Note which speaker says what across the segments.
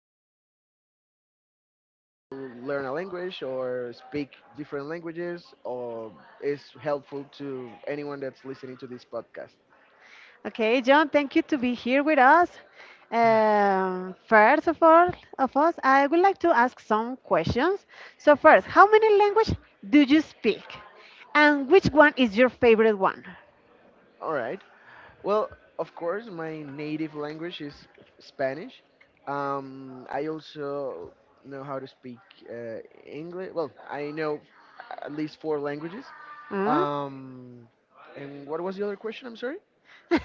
Speaker 1: everything I know about how to learn a language or speak different languages or is helpful to anyone that's listening to this podcast.
Speaker 2: Okay, John, thank you to be here with us. First of all, of us, I would like to ask some questions. So first, how many languages do you speak, and which one is your favorite one?
Speaker 1: All right. Well, of course, my native language is Spanish. I also know how to speak uh, English. Well, I know at least four languages.
Speaker 2: Hmm?
Speaker 1: Um, and what was the other question? I'm sorry.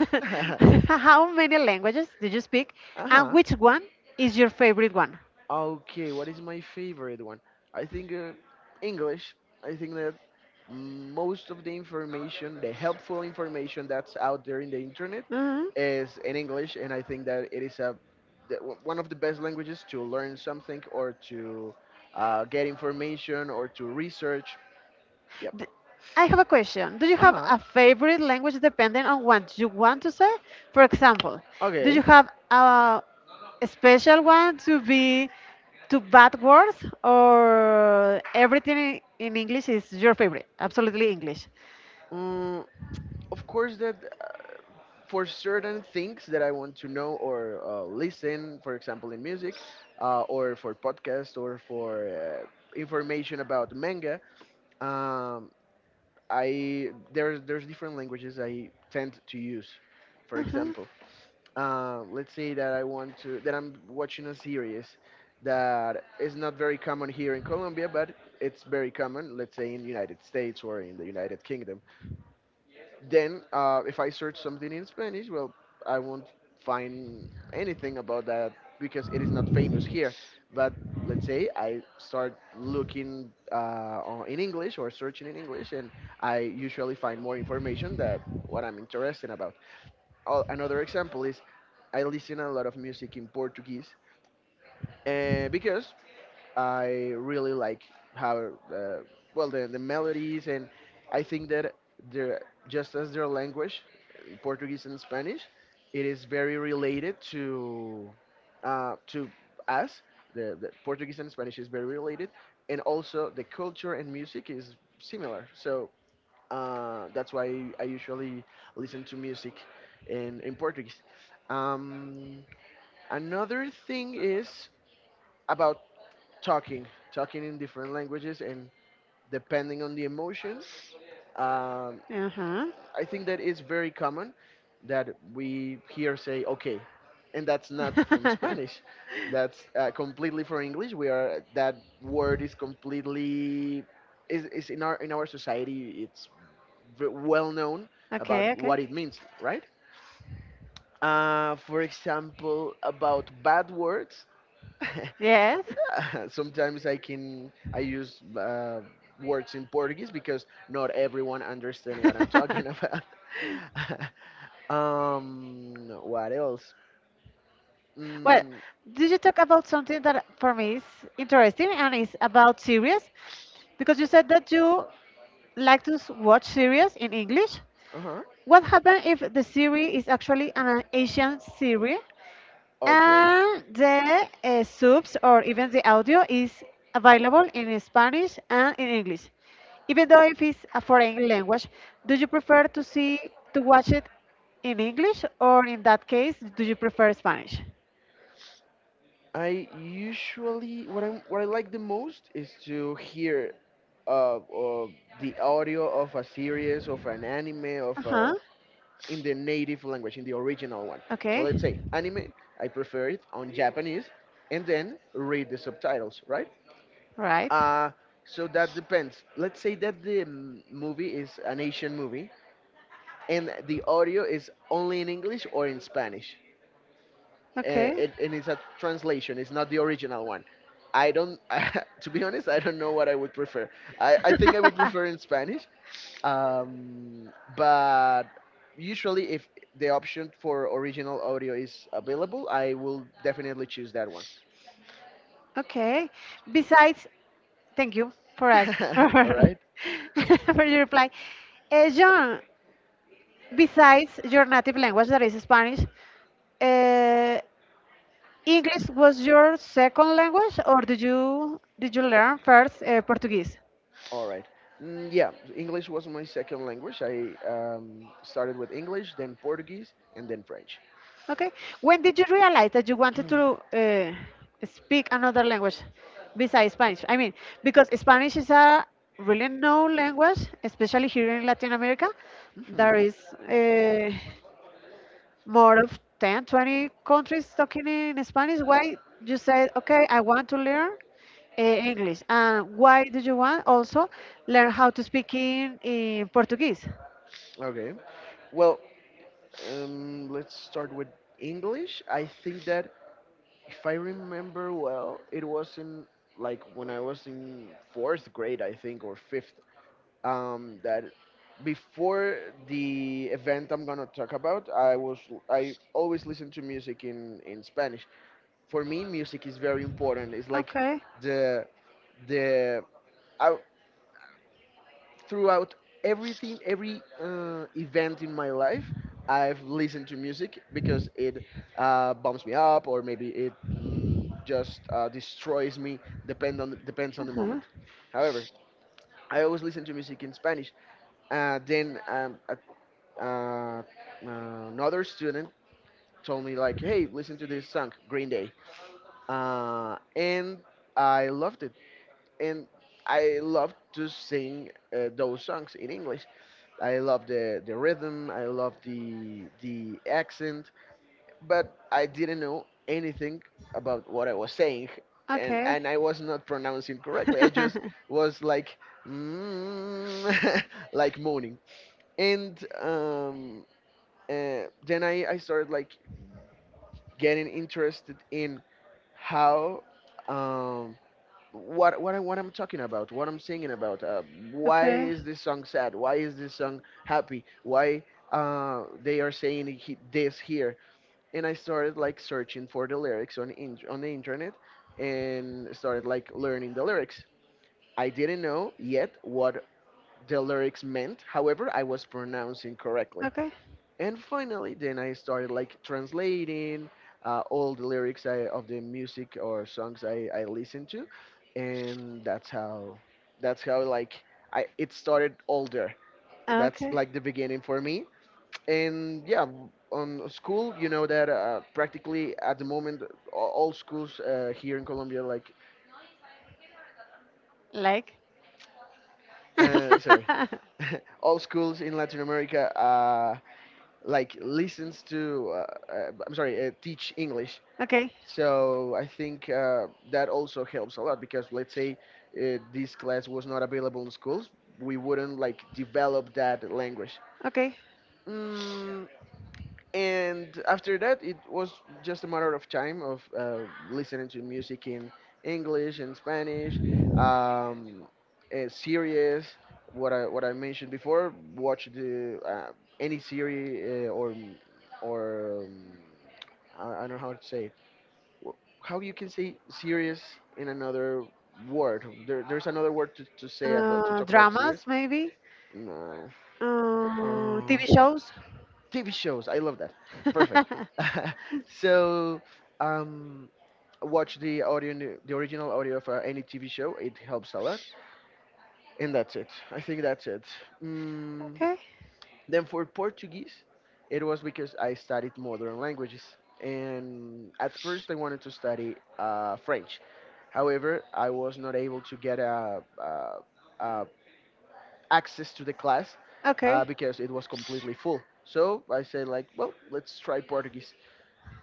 Speaker 1: uh
Speaker 2: How many languages do you speak, and
Speaker 1: huh.
Speaker 2: which one is your favorite one?
Speaker 1: Okay, what is my favorite one? I think English. I think that most of the information, the helpful information that's out there in the internet,
Speaker 2: Mhm.
Speaker 1: is in English, and I think that it is a one of the best languages to learn something or to get information or to research. Yep.
Speaker 2: D- I have a question. Do you
Speaker 1: Uh
Speaker 2: have
Speaker 1: huh.
Speaker 2: a favorite language depending on what you want to say? For example, do
Speaker 1: Okay.
Speaker 2: you have a special one to be to bad words or everything in English is your favorite? Absolutely English.
Speaker 1: Mm, of course, that for certain things that I want to know or listen, for example, in music, or for podcast, or for information about manga, um, I there's different languages I tend to use. For
Speaker 2: Uh-huh.
Speaker 1: example, let's say that I'm watching a series that is not very common here in Colombia, but it's very common, let's say, in United States or in the United Kingdom. Then, if I search something in Spanish, well, I won't find anything about that because it is not famous here. But let's say I start looking in English or searching in English, and I usually find more information that what I'm interested about. Oh, another example is I listen a lot of music in Portuguese because I really like how uh, well the melodies, and I think that they're just as their language, Portuguese and Spanish, it is very related to uh, to us. The Portuguese and Spanish is very related, and also the culture and music is similar. So that's why I usually listen to music in Portuguese. Um, Another thing is about talking, talking in different languages, and depending on the emotion, um,
Speaker 2: Uh-huh.
Speaker 1: I think that it's very common that we here say okay, and that's not from Spanish. That's completely from English. We are that word is completely is in our society. It's well known about
Speaker 2: Okay, okay.
Speaker 1: what it means, right? For example, about bad words.
Speaker 2: Yes.
Speaker 1: Sometimes I use words in Portuguese because not everyone understand what I'm
Speaker 2: Ujú.
Speaker 1: talking about. What else?
Speaker 2: Well,
Speaker 1: Mm,
Speaker 2: did you talk about something that for me is interesting and is about series? Because you said that you like to watch series in English.
Speaker 1: uh huh.
Speaker 2: What happens if the series is actually an Asian series
Speaker 1: Okay.
Speaker 2: and the subs or even the audio is available in Spanish and in English? Even though if it's a foreign language, do you prefer to see to watch it in English or in that case, do you prefer Spanish?
Speaker 1: I usually what I like the most is to hear uh, uh the audio of a series, of an anime,
Speaker 2: Uh
Speaker 1: of a
Speaker 2: huh.
Speaker 1: in the native language, in the original one. So
Speaker 2: Okay.
Speaker 1: let's say anime, I prefer it on Japanese, and then read the subtitles, right?
Speaker 2: Right.
Speaker 1: Uh, so that depends. Let's say that the movie is an Asian movie, and the audio is only in English or in Spanish, uh,
Speaker 2: Okay.
Speaker 1: it, and it's a translation. It's not the original one. I don't, to be honest, I don't know what I would prefer. I think I would prefer in Spanish, um, but usually if the option for original audio is available, I will definitely choose that one.
Speaker 2: Okay. Besides, thank you for us for
Speaker 1: All right.
Speaker 2: for your reply. John, besides your native language that is Spanish, uh, English was your second language, or did you learn first Portuguese?
Speaker 1: All right. Mm, yeah, english was my second language. I started with english, then portuguese, and then french.
Speaker 2: Okay. When did you realize that you wanted to speak another language besides Spanish? I mean, because Spanish is a really known language, especially here in Latin America. There
Speaker 1: Hmm.
Speaker 2: is uh, more of 10, 20 countries talking in Spanish. Why you said, okay, I want to learn English, and why did you want also learn how to speak in Portuguese?
Speaker 1: Okay. Well, let's start with english. I think that if I remember well, it was in like when I was in fourth grade, I think, or fifth. That before the event I'm gonna talk about, I was I always listen to music in Spanish. For me, music is very important. It's like
Speaker 2: Okay.
Speaker 1: the the I, throughout everything, every event in my life, I've listened to music because it bumps me up, or maybe it just destroys me. Depends on the
Speaker 2: Uh-huh.
Speaker 1: moment. However, I always listen to music in Spanish. Uh, then um, a- uh, Another student told me like, "Hey, listen to this song, Green Day," and I loved it, and I love to sing those songs in English. I love the rhythm. I love the accent, but I didn't know anything about what I was saying, and
Speaker 2: Okay.
Speaker 1: and I was not pronouncing correctly. I just was like, mm, like moaning, and um, then I started like getting interested in how. Um, what I'm talking about, what I'm singing about. Why
Speaker 2: Okay.
Speaker 1: is this song sad? Why is this song happy? Why they are saying he, this here? And I started like searching for the lyrics on the internet, and started like learning the lyrics. I didn't know yet what the lyrics meant. However, I was pronouncing correctly,
Speaker 2: Okay.
Speaker 1: and finally then I started like translating all the lyrics of the music or songs I listened to, and that's how like I, it started all there. That's
Speaker 2: Okay.
Speaker 1: like the beginning for me. And yeah, on school, you know that practically at the moment all schools here in colombia like
Speaker 2: Like.
Speaker 1: sorry, all schools in Latin America like listens to I'm sorry, teach English.
Speaker 2: Okay.
Speaker 1: So I think that also helps a lot, because let's say this class was not available in schools, we wouldn't like develop that language.
Speaker 2: Okay.
Speaker 1: Mm, and after that, it was just a matter of time of listening to music in English and Spanish, um, series. What I mentioned before, watch the any series or I don't know how to say wh- how you can say serious in another word. There, there's another word to say about to talk about serious.
Speaker 2: Dramas, maybe.
Speaker 1: No, uh,
Speaker 2: TV shows.
Speaker 1: TV shows. I love that. Perfect. So um watch the audio, the original audio of any TV show, it helps a lot, and that's it. I think that's it. Mm,
Speaker 2: Okay.
Speaker 1: then for Portuguese, it was because I studied modern languages. And at first, I wanted to study French. However, I was not able to get a, uh access to the class
Speaker 2: Okay.
Speaker 1: because it was completely full. So I said, like, well, let's try Portuguese,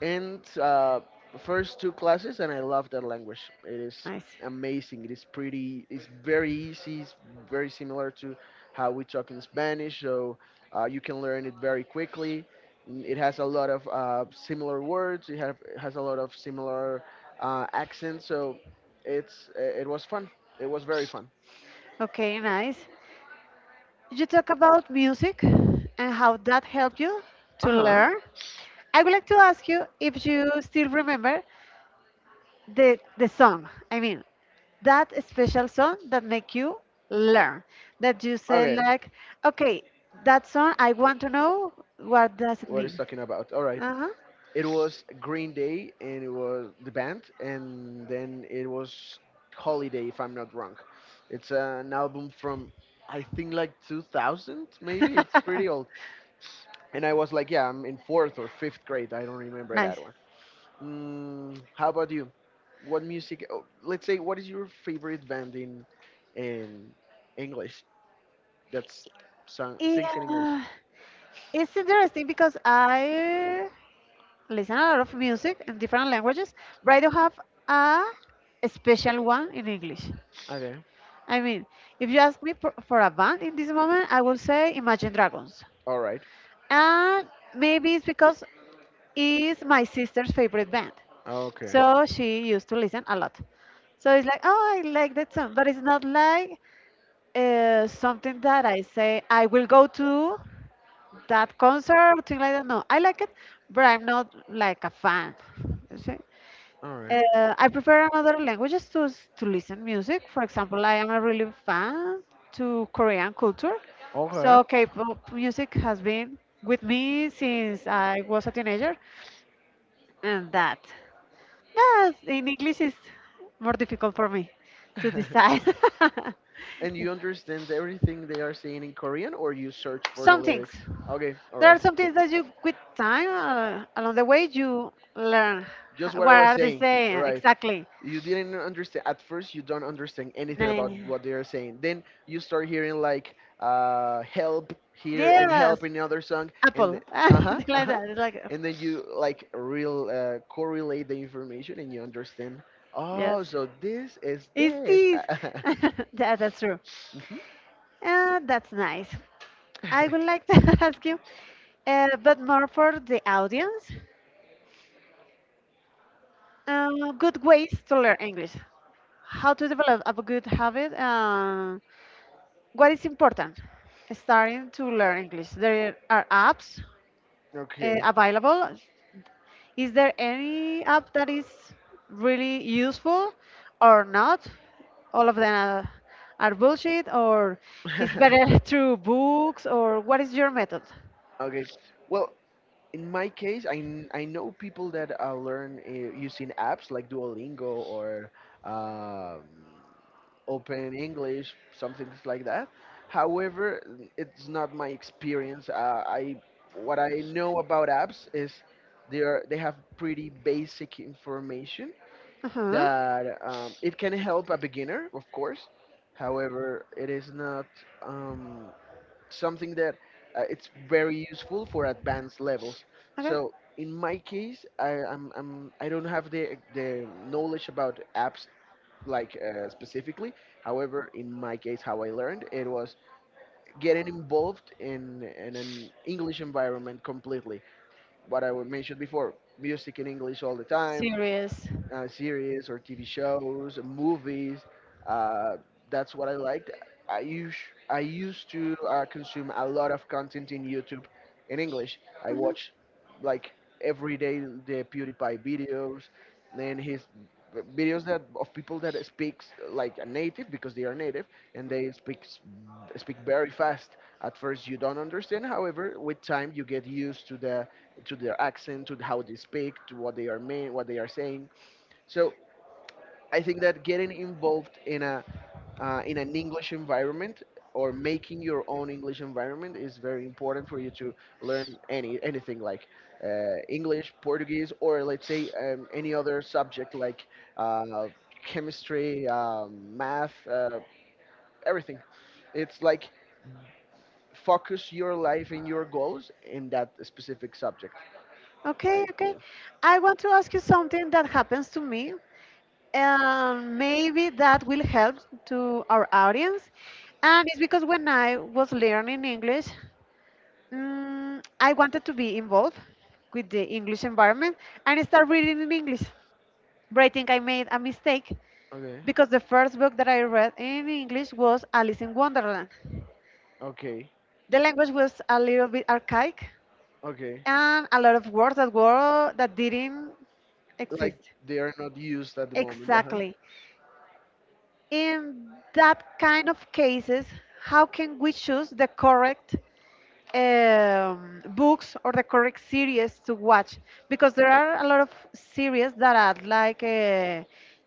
Speaker 1: and first two classes, and I love that language. It is
Speaker 2: Nice.
Speaker 1: amazing. It is pretty, it's very easy, it's very similar to how we talk in spanish, so you can learn it very quickly. It has a lot of similar words. It has a lot of similar accents, so it's it was fun. It was very fun.
Speaker 2: Okay, nice. You talk about music and how that helped you to
Speaker 1: Uh-huh.
Speaker 2: learn. I would like to ask you if you still remember the song. I mean, that special song that make you learn, that you say
Speaker 1: Okay,
Speaker 2: like, okay, that song I want to know what does it
Speaker 1: what is
Speaker 2: mean.
Speaker 1: talking about. All right.
Speaker 2: Uh-huh.
Speaker 1: It was Green Day, and it was the band, and then it was Holiday, if I'm not wrong. It's an album from I think like 2000, maybe. It's pretty old. And I was like, yeah, I'm in fourth or fifth grade. I don't remember that
Speaker 2: Nice.
Speaker 1: one. Mm, how about you? What music? Oh, let's say, what is your favorite band in English? That's sung, sings in English.
Speaker 2: Yeah, it's interesting because I listen a lot of music in different languages, but I don't have a special one in English.
Speaker 1: Okay.
Speaker 2: I mean, if you ask me for a band in this moment, I will say Imagine Dragons.
Speaker 1: All right.
Speaker 2: And maybe it's because it's my sister's favorite band.
Speaker 1: Okay.
Speaker 2: So she used to listen a lot. So it's like, oh, I like that song. But it's not like something that I say, I will go to that concert or thing like that. No, I like it, but I'm not like a fan. You see?
Speaker 1: All right.
Speaker 2: I prefer another languages to to listen music. For example, I am a really fan to Korean culture,
Speaker 1: Okay.
Speaker 2: so K-pop music has been with me since I was a teenager, and that, yes, in English is more difficult for me to decide.
Speaker 1: And you understand everything they are saying in Korean, or you search for the
Speaker 2: Some things.
Speaker 1: lyrics? Okay, all
Speaker 2: There are
Speaker 1: right.
Speaker 2: some things that you, with time, along the way, you learn.
Speaker 1: Just what I
Speaker 2: What
Speaker 1: was
Speaker 2: are they
Speaker 1: saying,
Speaker 2: saying
Speaker 1: right?
Speaker 2: exactly?
Speaker 1: You didn't understand at first. You don't understand anything
Speaker 2: Nah.
Speaker 1: about what they are saying. Then you start hearing like "help" here and
Speaker 2: Yes,
Speaker 1: "help" in the other song, and the,
Speaker 2: apple. Something
Speaker 1: uh
Speaker 2: like
Speaker 1: huh,
Speaker 2: that. It's like,
Speaker 1: and then you like real correlate the information and you understand.
Speaker 2: yes.
Speaker 1: Oh, so this is
Speaker 2: It's
Speaker 1: this.
Speaker 2: this. Yeah, that's true.
Speaker 1: Mhm.
Speaker 2: That's nice. I would like to ask you, but more for the audience, uh, good ways to learn English. How to develop a good habit. What is important? Starting to learn English. There are apps
Speaker 1: okay.
Speaker 2: available. Is there any app that is really useful or not? All of them are bullshit, or it's better through books, or what is your method?
Speaker 1: Okay. Well, in my case, I know people that learn using apps like Duolingo or um, Open English, some things like that. However, it's not my experience. I what I know about apps is they are they have pretty basic information
Speaker 2: Uh-huh.
Speaker 1: that it can help a beginner, of course. However, it is not. Um, something that it's very useful for advanced levels.
Speaker 2: Okay.
Speaker 1: So in my case, I'm I don't have the knowledge about apps like specifically. However, in my case, how I learned it was getting involved in an English environment completely. What I would mention before, music in English all the time,
Speaker 2: Serious.
Speaker 1: series or TV shows, movies. Uh, that's what I liked. I used I used to consume a lot of content in YouTube in English. I
Speaker 2: Uh-huh.
Speaker 1: watched like every day the PewDiePie videos, then his videos that of people that speaks like a native because they are native and they speak speak very fast. At first you don't understand. However, with time you get used to the to their accent, to how they speak, to what they are mean, what they are saying, so I think that getting involved in a, in an English environment or making your own English environment is very important for you to learn anything like English, Portuguese, or let's say any other subject like uh, chemistry, math, everything. It's like focus your life and your goals in that specific subject.
Speaker 2: Okay,
Speaker 1: Right, yeah.
Speaker 2: okay. I want to ask you something that happens to me, and maybe that will help to our audience. And it's because when I was learning English, I wanted to be involved with the English environment, and I started reading in English. But I think I made a mistake
Speaker 1: Okay.
Speaker 2: because the first book that I read in English was Alice in Wonderland.
Speaker 1: Okay.
Speaker 2: The language was a little bit archaic,
Speaker 1: Okay.
Speaker 2: and a lot of words that were that didn't
Speaker 1: Like
Speaker 2: exist.
Speaker 1: they are not used at the moment. Uh-huh.
Speaker 2: Exactly. In that kind of cases, how can we choose the correct books or the correct series to watch? Because there are a lot of series that are like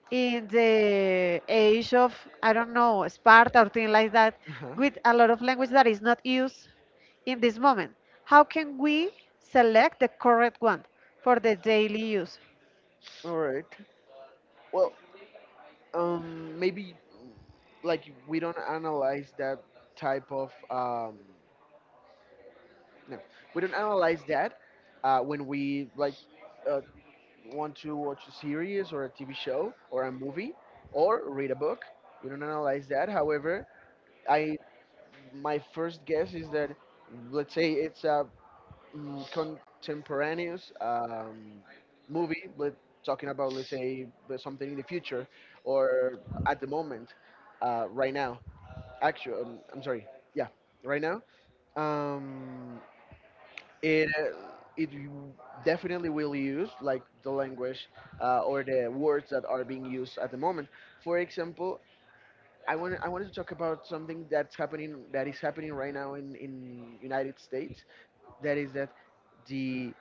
Speaker 2: in the age of, I don't know, Sparta or things like that,
Speaker 1: Uh-huh.
Speaker 2: with a lot of language that is not used in this moment. How can we select the correct one for the daily use?
Speaker 1: All right. Well, maybe like we don't analyze that type of no, we don't analyze that when we like uh, want to watch a series or a TV show or a movie or read a book. We don't analyze that. However, I my first guess is that let's say it's a contemporaneous movie, but talking about, let's say, but something in the future or at the moment, right now. Actually, I'm sorry. Yeah, right now. Um, it uh, it definitely will use like the language or the words that are being used at the moment. For example, I wanted to talk about something that is happening right now in United States. That is that the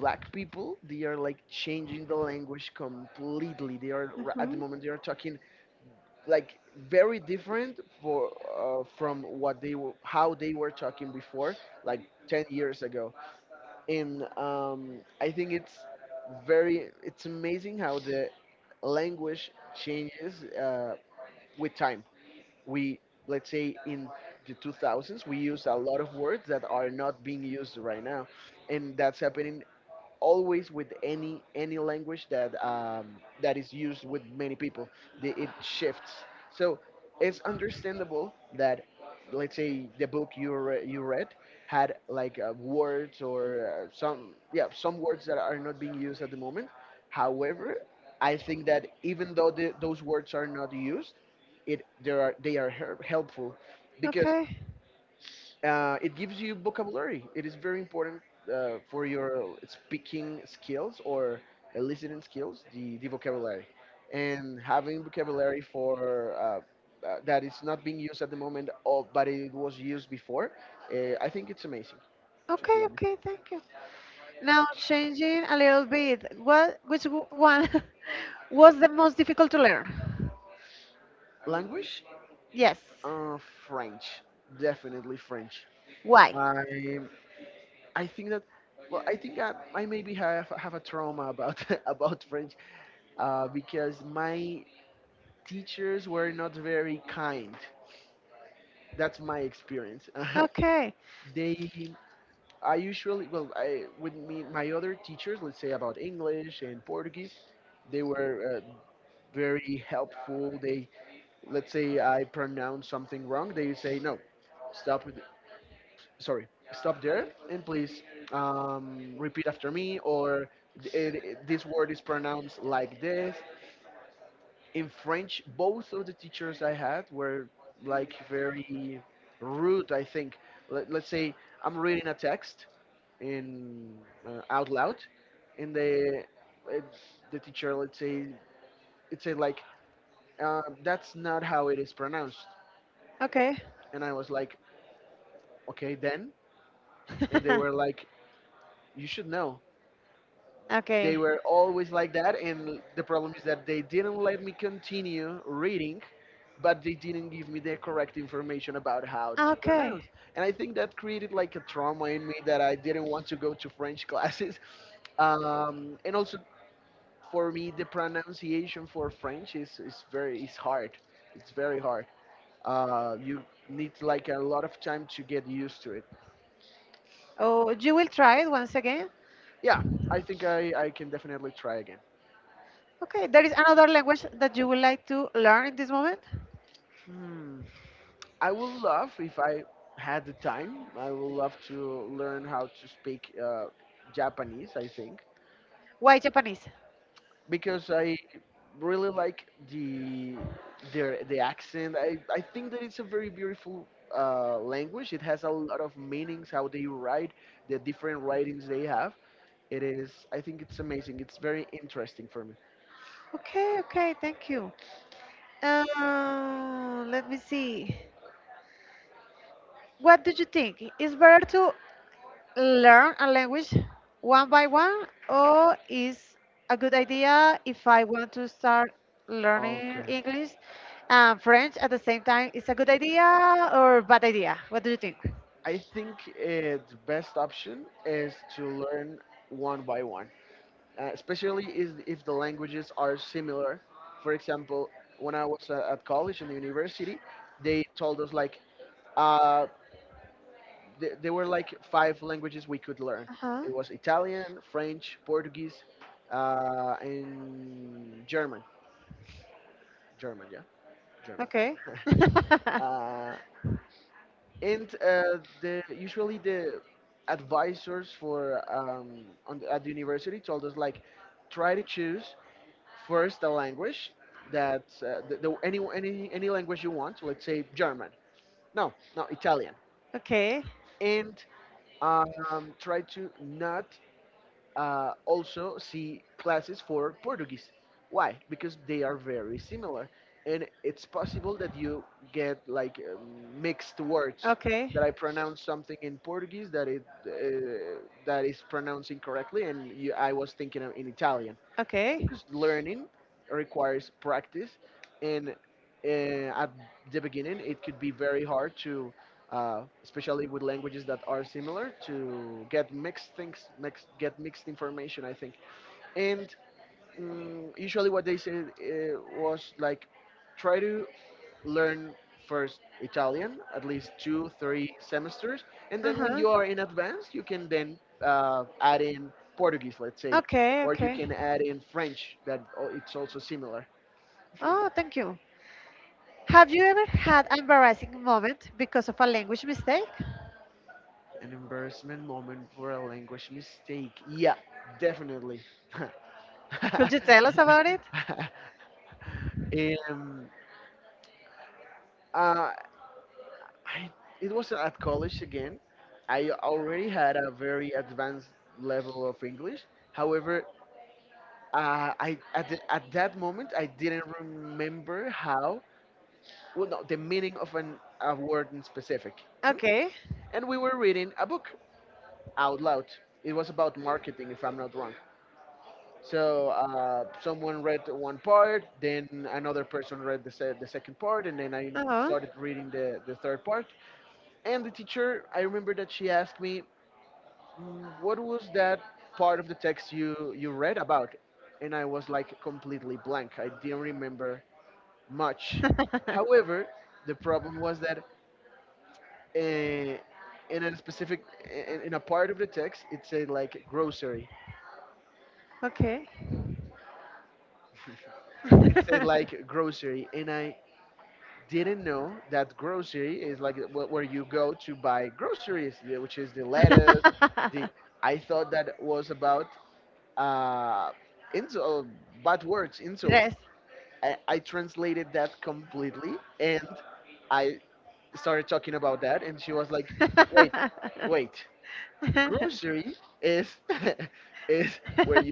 Speaker 1: black people, they are like changing the language completely. At the
Speaker 2: Hmm.
Speaker 1: moment they are talking like very different for from what they were how they were talking before, like 10 years ago. And I think it's amazing how the language changes with time. We Let's say in the 2000s we use a lot of words that are not being used right now, and that's happening always with any language that that is used with many people. It shifts. So it's understandable that let's say the book you read had like words or some, yeah, some words that are not being used at the moment. However, I think that even though those words are not used, it there are they are her- helpful, because
Speaker 2: Okay,
Speaker 1: it gives you vocabulary. It is very important for your speaking skills or listening skills, the vocabulary, and having vocabulary for that is not being used at the moment, but it was used before. I think it's amazing, to
Speaker 2: okay,
Speaker 1: be honest.
Speaker 2: okay, thank you. Now, changing a little bit, what, which one was the most difficult to learn?
Speaker 1: Language?
Speaker 2: Yes.
Speaker 1: French, definitely French.
Speaker 2: Why?
Speaker 1: I I think that, well, I think I maybe have a trauma about about French, because my teachers were not very kind. That's my experience.
Speaker 2: Okay.
Speaker 1: they I usually, well, I with me, my other teachers, let's say about English and Portuguese, they were very helpful. They, let's say I pronounce something wrong, they say, no, stop. Sorry, stop there, and please repeat after me, or this word is pronounced like this. In French, both of the teachers I had were like very rude, I think. Let's say I'm reading a text in out loud, and uh, the teacher, let's say, it said like, that's not how it is pronounced.
Speaker 2: Okay.
Speaker 1: And I was like, okay then. And they were like, you should know. They
Speaker 2: Okay.
Speaker 1: were always like that, and the problem is that they didn't let me continue reading, but they didn't give me the correct information about how to
Speaker 2: Okay.
Speaker 1: pronounce. And I think that created like a trauma in me, that I didn't want to go to French classes. And also, for me, the pronunciation for French is hard. It's very hard. You need like a lot of time to get used to it.
Speaker 2: Oh, you will try it once again?
Speaker 1: Yeah, I think I can definitely try again.
Speaker 2: Okay. There is another language that you would like to learn in this moment?
Speaker 1: Hmm. I would love, if I had the time, I would love to learn how to speak Japanese. I think,
Speaker 2: Why Japanese?
Speaker 1: because I really like the the accent. I think that it's a very beautiful language. It has a lot of meanings. How they write, the different writings they have. It is. I think it's amazing. It's very interesting for me.
Speaker 2: Okay, okay, thank you. Let me see. What do you think? Is better to learn a language one by one, or is a good idea if I want to start learning
Speaker 1: Okay.
Speaker 2: English and French at the same time? Is a good idea or bad idea? What do you think?
Speaker 1: I think the best option is to learn one by one. Especially is if the languages are similar. For example, when I was at college and the university, they told us like, uh, there were like five languages we could learn.
Speaker 2: Uh-huh.
Speaker 1: It was Italian, French, Portuguese, and German. German, yeah, German.
Speaker 2: Okay.
Speaker 1: uh, and the usually the advisors for, at the university, told us like, try to choose first the language that any, any language you want. Let's say German. No, no, Italian.
Speaker 2: Okay.
Speaker 1: And try to not also see classes for Portuguese. Why? Because they are very similar, and it's possible that you get like mixed words.
Speaker 2: Okay.
Speaker 1: That I pronounce something in Portuguese that it that is pronounced incorrectly, and I was thinking of in Italian,
Speaker 2: Okay.
Speaker 1: because learning requires practice, and at the beginning it could be very hard to, especially with languages that are similar, to get get mixed information, I think. And usually what they said, was like, try to learn first Italian, at least two, three semesters, and
Speaker 2: Uh
Speaker 1: then when
Speaker 2: huh.
Speaker 1: you are in advanced, you can then add in Portuguese, let's say,
Speaker 2: Okay.
Speaker 1: or you can
Speaker 2: Okay.
Speaker 1: add in French. It's also similar. Mhm.
Speaker 2: Oh, thank you. Have you ever had an embarrassing moment because of a language mistake?
Speaker 1: An embarrassment moment for a language mistake. Yeah, definitely.
Speaker 2: Could you tell us about it?
Speaker 1: um, uh, I, it was at college again. I already had a very advanced level of English. However, at that moment I didn't remember how, well, no, the meaning of an a word in specific. Hmm?
Speaker 2: Okay.
Speaker 1: And we were reading a book out loud. It was about marketing, if I'm not wrong. So someone read one part, then another person read the second part, and then I
Speaker 2: Oh.
Speaker 1: started reading the third part. And the teacher, I remember that she asked me, "What was that part of the text you read about?" And I was like completely blank. I didn't remember much. However, the problem was that uh, in a specific eh, in a part of the text it said like grocery.
Speaker 2: Okay.
Speaker 1: It said like grocery, and I didn't know that grocery is like where you go to buy groceries, which is the lettuce. The I thought that was about uh, insult, bad words, insults.
Speaker 2: Dress.
Speaker 1: I translated that completely, and I started talking about that, and she was like, "Wait, wait, grocery is is where you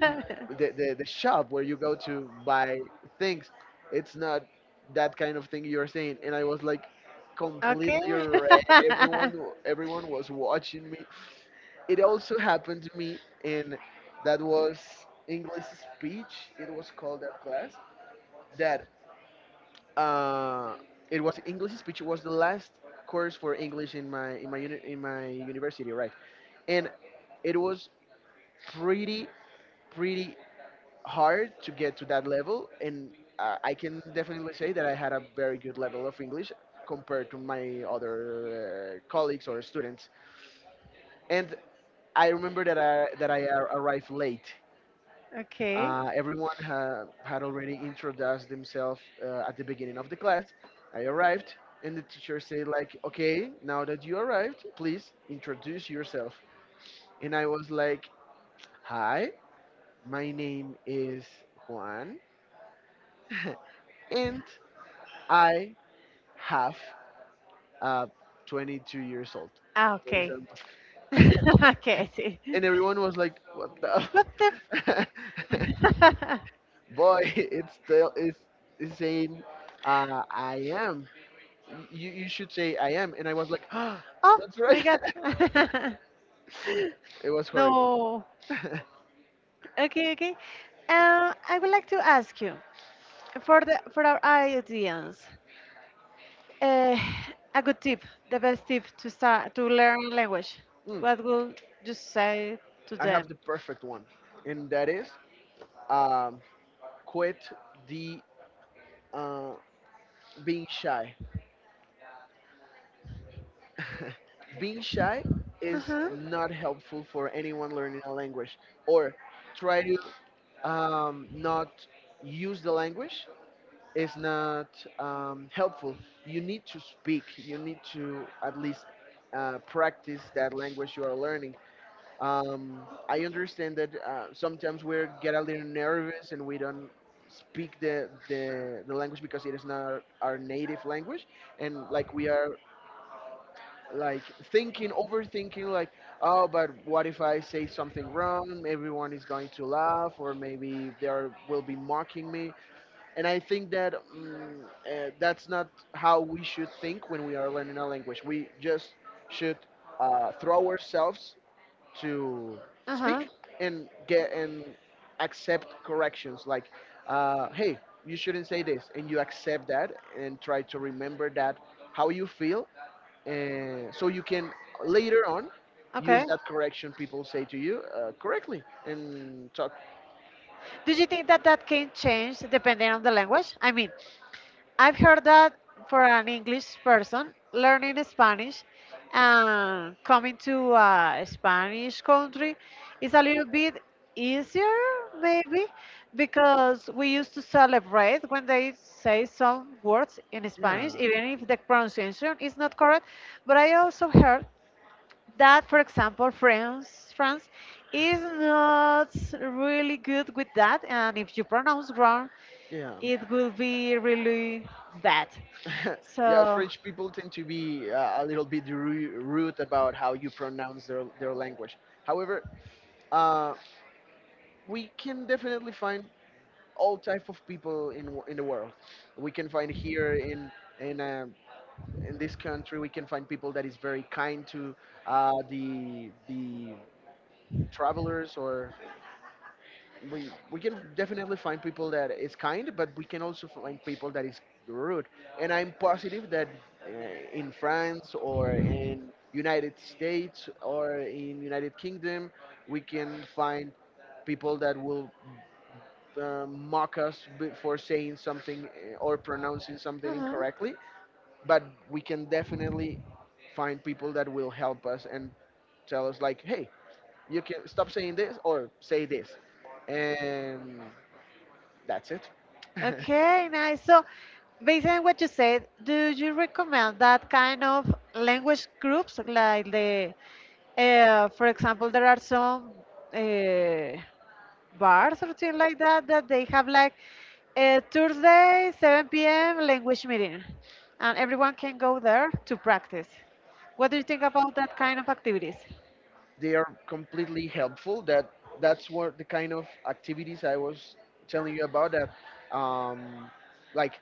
Speaker 1: the shop where you go to buy things. It's not that kind of thing you're saying." And I was like
Speaker 2: Okay.
Speaker 1: completely red. Everyone was watching me. It also happened to me. In that was English speech. It was called that class. That uh, it was English speech, was the last course for English in my university, right? And it was pretty pretty hard to get to that level, and I can definitely say that I had a very good level of English compared to my other colleagues or students. And I remember that I arrived late.
Speaker 2: Okay.
Speaker 1: Everyone had already introduced themselves at the beginning of the class. I arrived, and the teacher said, like, okay, now that you arrived, please introduce yourself. And I was like, hi, my name is Juan, and I have uh, 22 years old,
Speaker 2: Ah,
Speaker 1: for
Speaker 2: okay.
Speaker 1: example.
Speaker 2: Okay, I see.
Speaker 1: And everyone was like, what
Speaker 2: What the?
Speaker 1: the?
Speaker 2: F-
Speaker 1: Boy, it's still, it's saying, I am. You should say I am. And I was like, ah,
Speaker 2: oh
Speaker 1: that's
Speaker 2: my
Speaker 1: right.
Speaker 2: god.
Speaker 1: It was horrible.
Speaker 2: No. Okay, okay. I would like to ask you for the for our audience. Uh, a good tip, the best tip to start to learn language.
Speaker 1: Mm,
Speaker 2: What would you say to
Speaker 1: I have
Speaker 2: them?
Speaker 1: the perfect one, and that is um, quit the uh, being shy. Being shy
Speaker 2: Uh
Speaker 1: is
Speaker 2: huh.
Speaker 1: not helpful for anyone learning a language, or try to not use the language is not helpful. You need to speak. You need to at least practice that language you are learning. um, I understand that sometimes we get a little nervous and we don't speak the language, because it is not our native language, and like we are like thinking, overthinking, like, oh, but what if I say something wrong? Everyone is going to laugh, or maybe will be mocking me. And I think that that's not how we should think when we are learning a language. We just should throw ourselves to
Speaker 2: Uh huh.
Speaker 1: speak, and get and accept corrections like, hey, you shouldn't say this, and you accept that, and try to remember that how you feel, and so you can later on
Speaker 2: Okay.
Speaker 1: use that correction people say to you correctly and talk.
Speaker 2: Do you think that that can change depending on the language? I mean, I've heard that for an English person learning Spanish and coming to a Spanish country is a little bit easier, maybe, because we used to celebrate when they say some words in
Speaker 1: Yeah.
Speaker 2: Spanish, even if the pronunciation is not correct. But I also heard that, for example, France is not really good with that, and if you pronounce wrong,
Speaker 1: Yeah.
Speaker 2: it will be really bad.
Speaker 1: Yeah,
Speaker 2: So,
Speaker 1: French people tend to be a little bit rude about how you pronounce their language. However, uh, we can definitely find all type of people in the world. We can find here in in this country. We can find people that is very kind to the travelers, or we can definitely find people that is kind, but we can also find people that is rude. And I'm positive that uh, in France or in United States or in United Kingdom, we can find people that will mock us for saying something or pronouncing something
Speaker 2: uh-huh.
Speaker 1: incorrectly, but we can definitely find people that will help us and tell us like, hey, you can stop saying this or say this, and that's it.
Speaker 2: Okay, nice. So, based on what you said, do you recommend that kind of language groups, like the, for example, there are some uh, bars or things like that that they have like Thursday 7 p.m. language meeting, and everyone can go there to practice. What do you think about that kind of activities?
Speaker 1: They are completely helpful. That's what the kind of activities I was telling you about. That like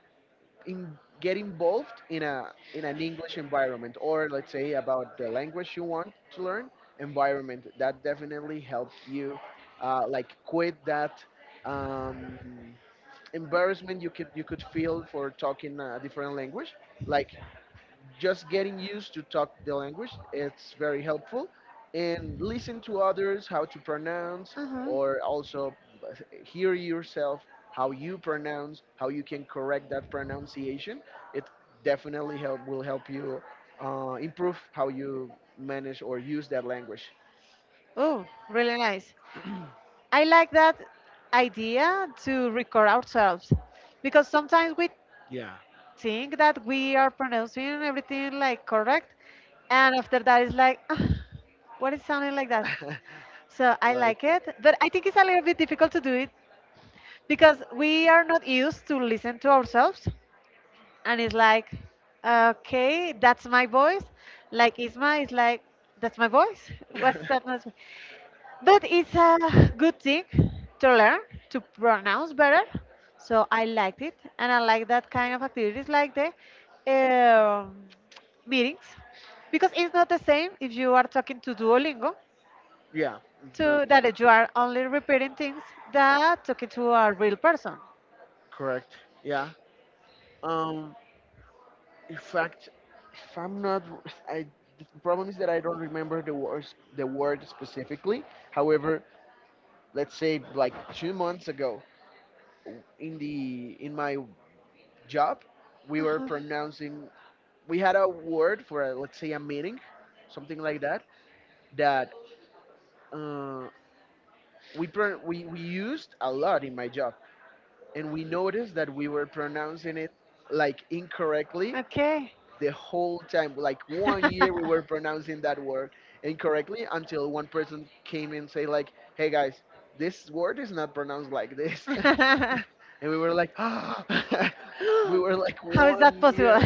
Speaker 1: get involved in a in an English environment, or let's say about the language you want to learn environment. That definitely help you, like quit that um, embarrassment you could feel for talking a different language. Like just getting used to talk the language it's very helpful and listen to others how to pronounce,
Speaker 2: Uh-huh.
Speaker 1: or also hear yourself how you pronounce, how you can correct that pronunciation. It definitely help will help you improve how you manage or use that language.
Speaker 2: Oh, really nice. I like that idea to record ourselves because sometimes we
Speaker 1: Yeah.
Speaker 2: think that we are pronouncing everything like correct. And after that, it's like, "Ah, what is sounding like that? So I
Speaker 1: Right,
Speaker 2: like it, but I think it's a little bit difficult to do it because we are not used to listen to ourselves and it's like, okay, that's my voice. Like Isma is like, that's my voice. What's that? Noise?" But it's a good thing to learn to pronounce better. So I liked it, and I like that kind of activities, like the um, meetings, because it's not the same if you are talking to Duolingo,
Speaker 1: yeah, it's not
Speaker 2: to
Speaker 1: the same.
Speaker 2: that you are only repeating things that talking to a real person.
Speaker 1: Correct, yeah. um In fact, if I'm not, I the problem is that I don't remember the words, the word specifically. However, let's say like 2 months ago, in the in my job, we were pronouncing. We had a word for a, let's say a meaning, something like that. That uh, we pro- we used a lot in my job, and we noticed that we were pronouncing it like incorrectly
Speaker 2: Okay.
Speaker 1: the whole time. Like 1 year, we were pronouncing that word incorrectly until one person came and say like, "Hey guys, this word is not pronounced like this," and we were like, we were like
Speaker 2: How is
Speaker 1: one
Speaker 2: that possible?
Speaker 1: year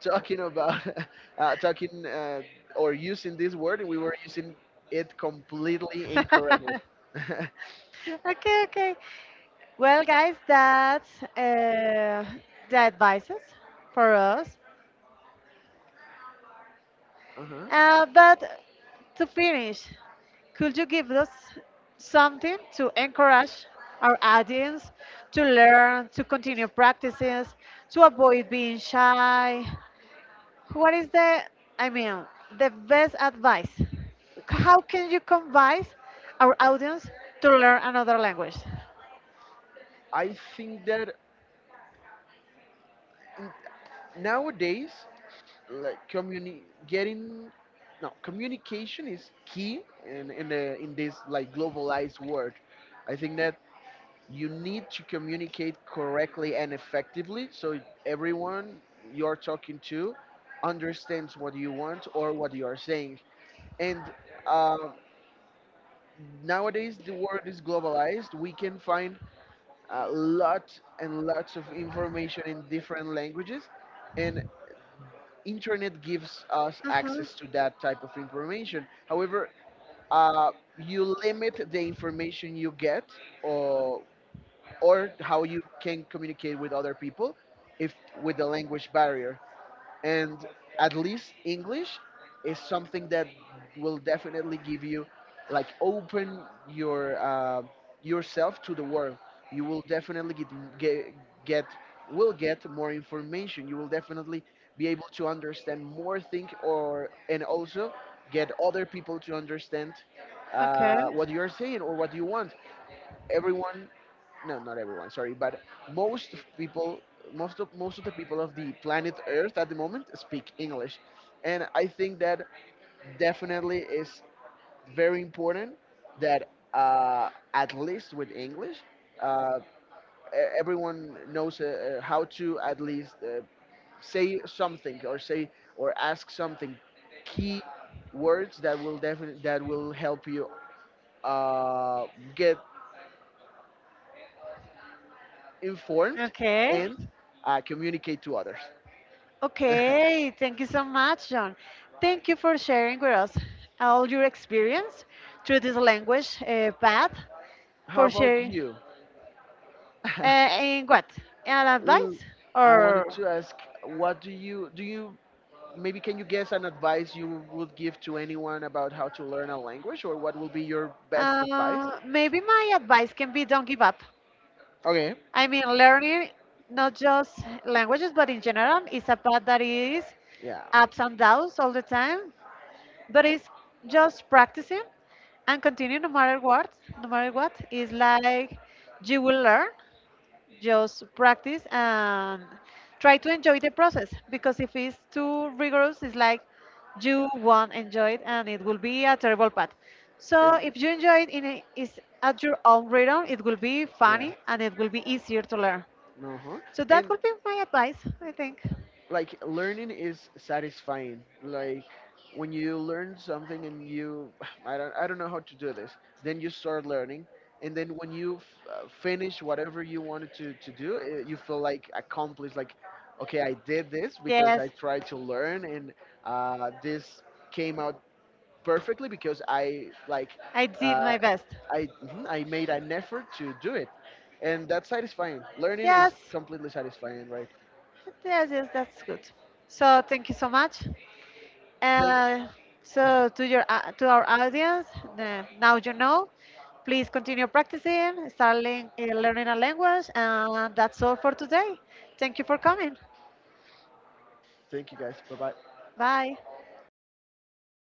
Speaker 1: talking about, talking or using this word, and we were using it completely incorrectly.
Speaker 2: Okay, okay. Well, guys, that's the advices for us.
Speaker 1: Uh-huh.
Speaker 2: But to finish, could you give us something to encourage our audience to learn, to continue practices, to avoid being shy? What is the, I mean, the best advice? How can you convince our audience to learn another language?
Speaker 1: I think that nowadays like communi- getting no communication is key in this like globalized world. I think that you need to communicate correctly and effectively so everyone you're talking to understands what you want or what you are saying. And um, nowadays the world is globalized, we can find lots and lots of information in different languages, and internet gives us
Speaker 2: Uh-huh.
Speaker 1: access to that type of information. However, uh, you limit the information you get or, or how you can communicate with other people if with the language barrier. And at least english is something that will definitely give you like open your yourself to the world. You will definitely get get more information, you will definitely be able to understand more things, or and also get other people to understand
Speaker 2: Okay.
Speaker 1: what you're saying or what you want. Everyone no not everyone, sorry, but most of people, most of the people of the planet earth at the moment speak english, and I think that definitely is very important that at least with english, uh, everyone knows how to at least say something or say or ask something. Key words that will definitely that will help you uh, get informed,
Speaker 2: Okay.
Speaker 1: and communicate to others.
Speaker 2: Okay. Thank you so much, John. Thank you for sharing with us all your experience through this language path.
Speaker 1: How
Speaker 2: For
Speaker 1: about
Speaker 2: share
Speaker 1: you?
Speaker 2: in what an
Speaker 1: Mm,
Speaker 2: advice
Speaker 1: I wanted
Speaker 2: or
Speaker 1: to ask, what do? You maybe can you guess an advice you would give to anyone about how to learn a language, or what will be your best advice?
Speaker 2: maybe my advice can be don't give up.
Speaker 1: Okay,
Speaker 2: I mean, learning not just languages but in general is a path that is
Speaker 1: yeah,
Speaker 2: ups and downs all the time, but it's just practicing and continue no matter what, no matter what. It's like you will learn, just practice and try to enjoy the process, because if it's too rigorous, it's like you won't enjoy it and it will be a terrible path. So
Speaker 1: and
Speaker 2: if you enjoy it in a, is at your own rhythm, it will be
Speaker 1: yeah,
Speaker 2: funny and it will be easier to learn.
Speaker 1: uh huh.
Speaker 2: So that
Speaker 1: And,
Speaker 2: could be my advice, I think.
Speaker 1: like learning is satisfying. Like when you learn something and you I don't know how to do this, then you start learning, and then when you finish whatever you wanted to do, eh, you feel like accomplished, like okay, I did this because,
Speaker 2: Yes,
Speaker 1: yeah, I tried to learn. And this came out perfectly because I like
Speaker 2: I did
Speaker 1: uh,
Speaker 2: my best.
Speaker 1: I made an effort to do it, and that's satisfying. Learning is
Speaker 2: Yes.
Speaker 1: completely satisfying, right?
Speaker 2: Yes, yes, that's good. So thank you so much.
Speaker 1: thank
Speaker 2: Uh, so to your to our audience, the, now you know. Please continue practicing, start learning a language, and that's all for today. Thank you for coming.
Speaker 1: Thank you guys. Bye bye.
Speaker 2: Bye.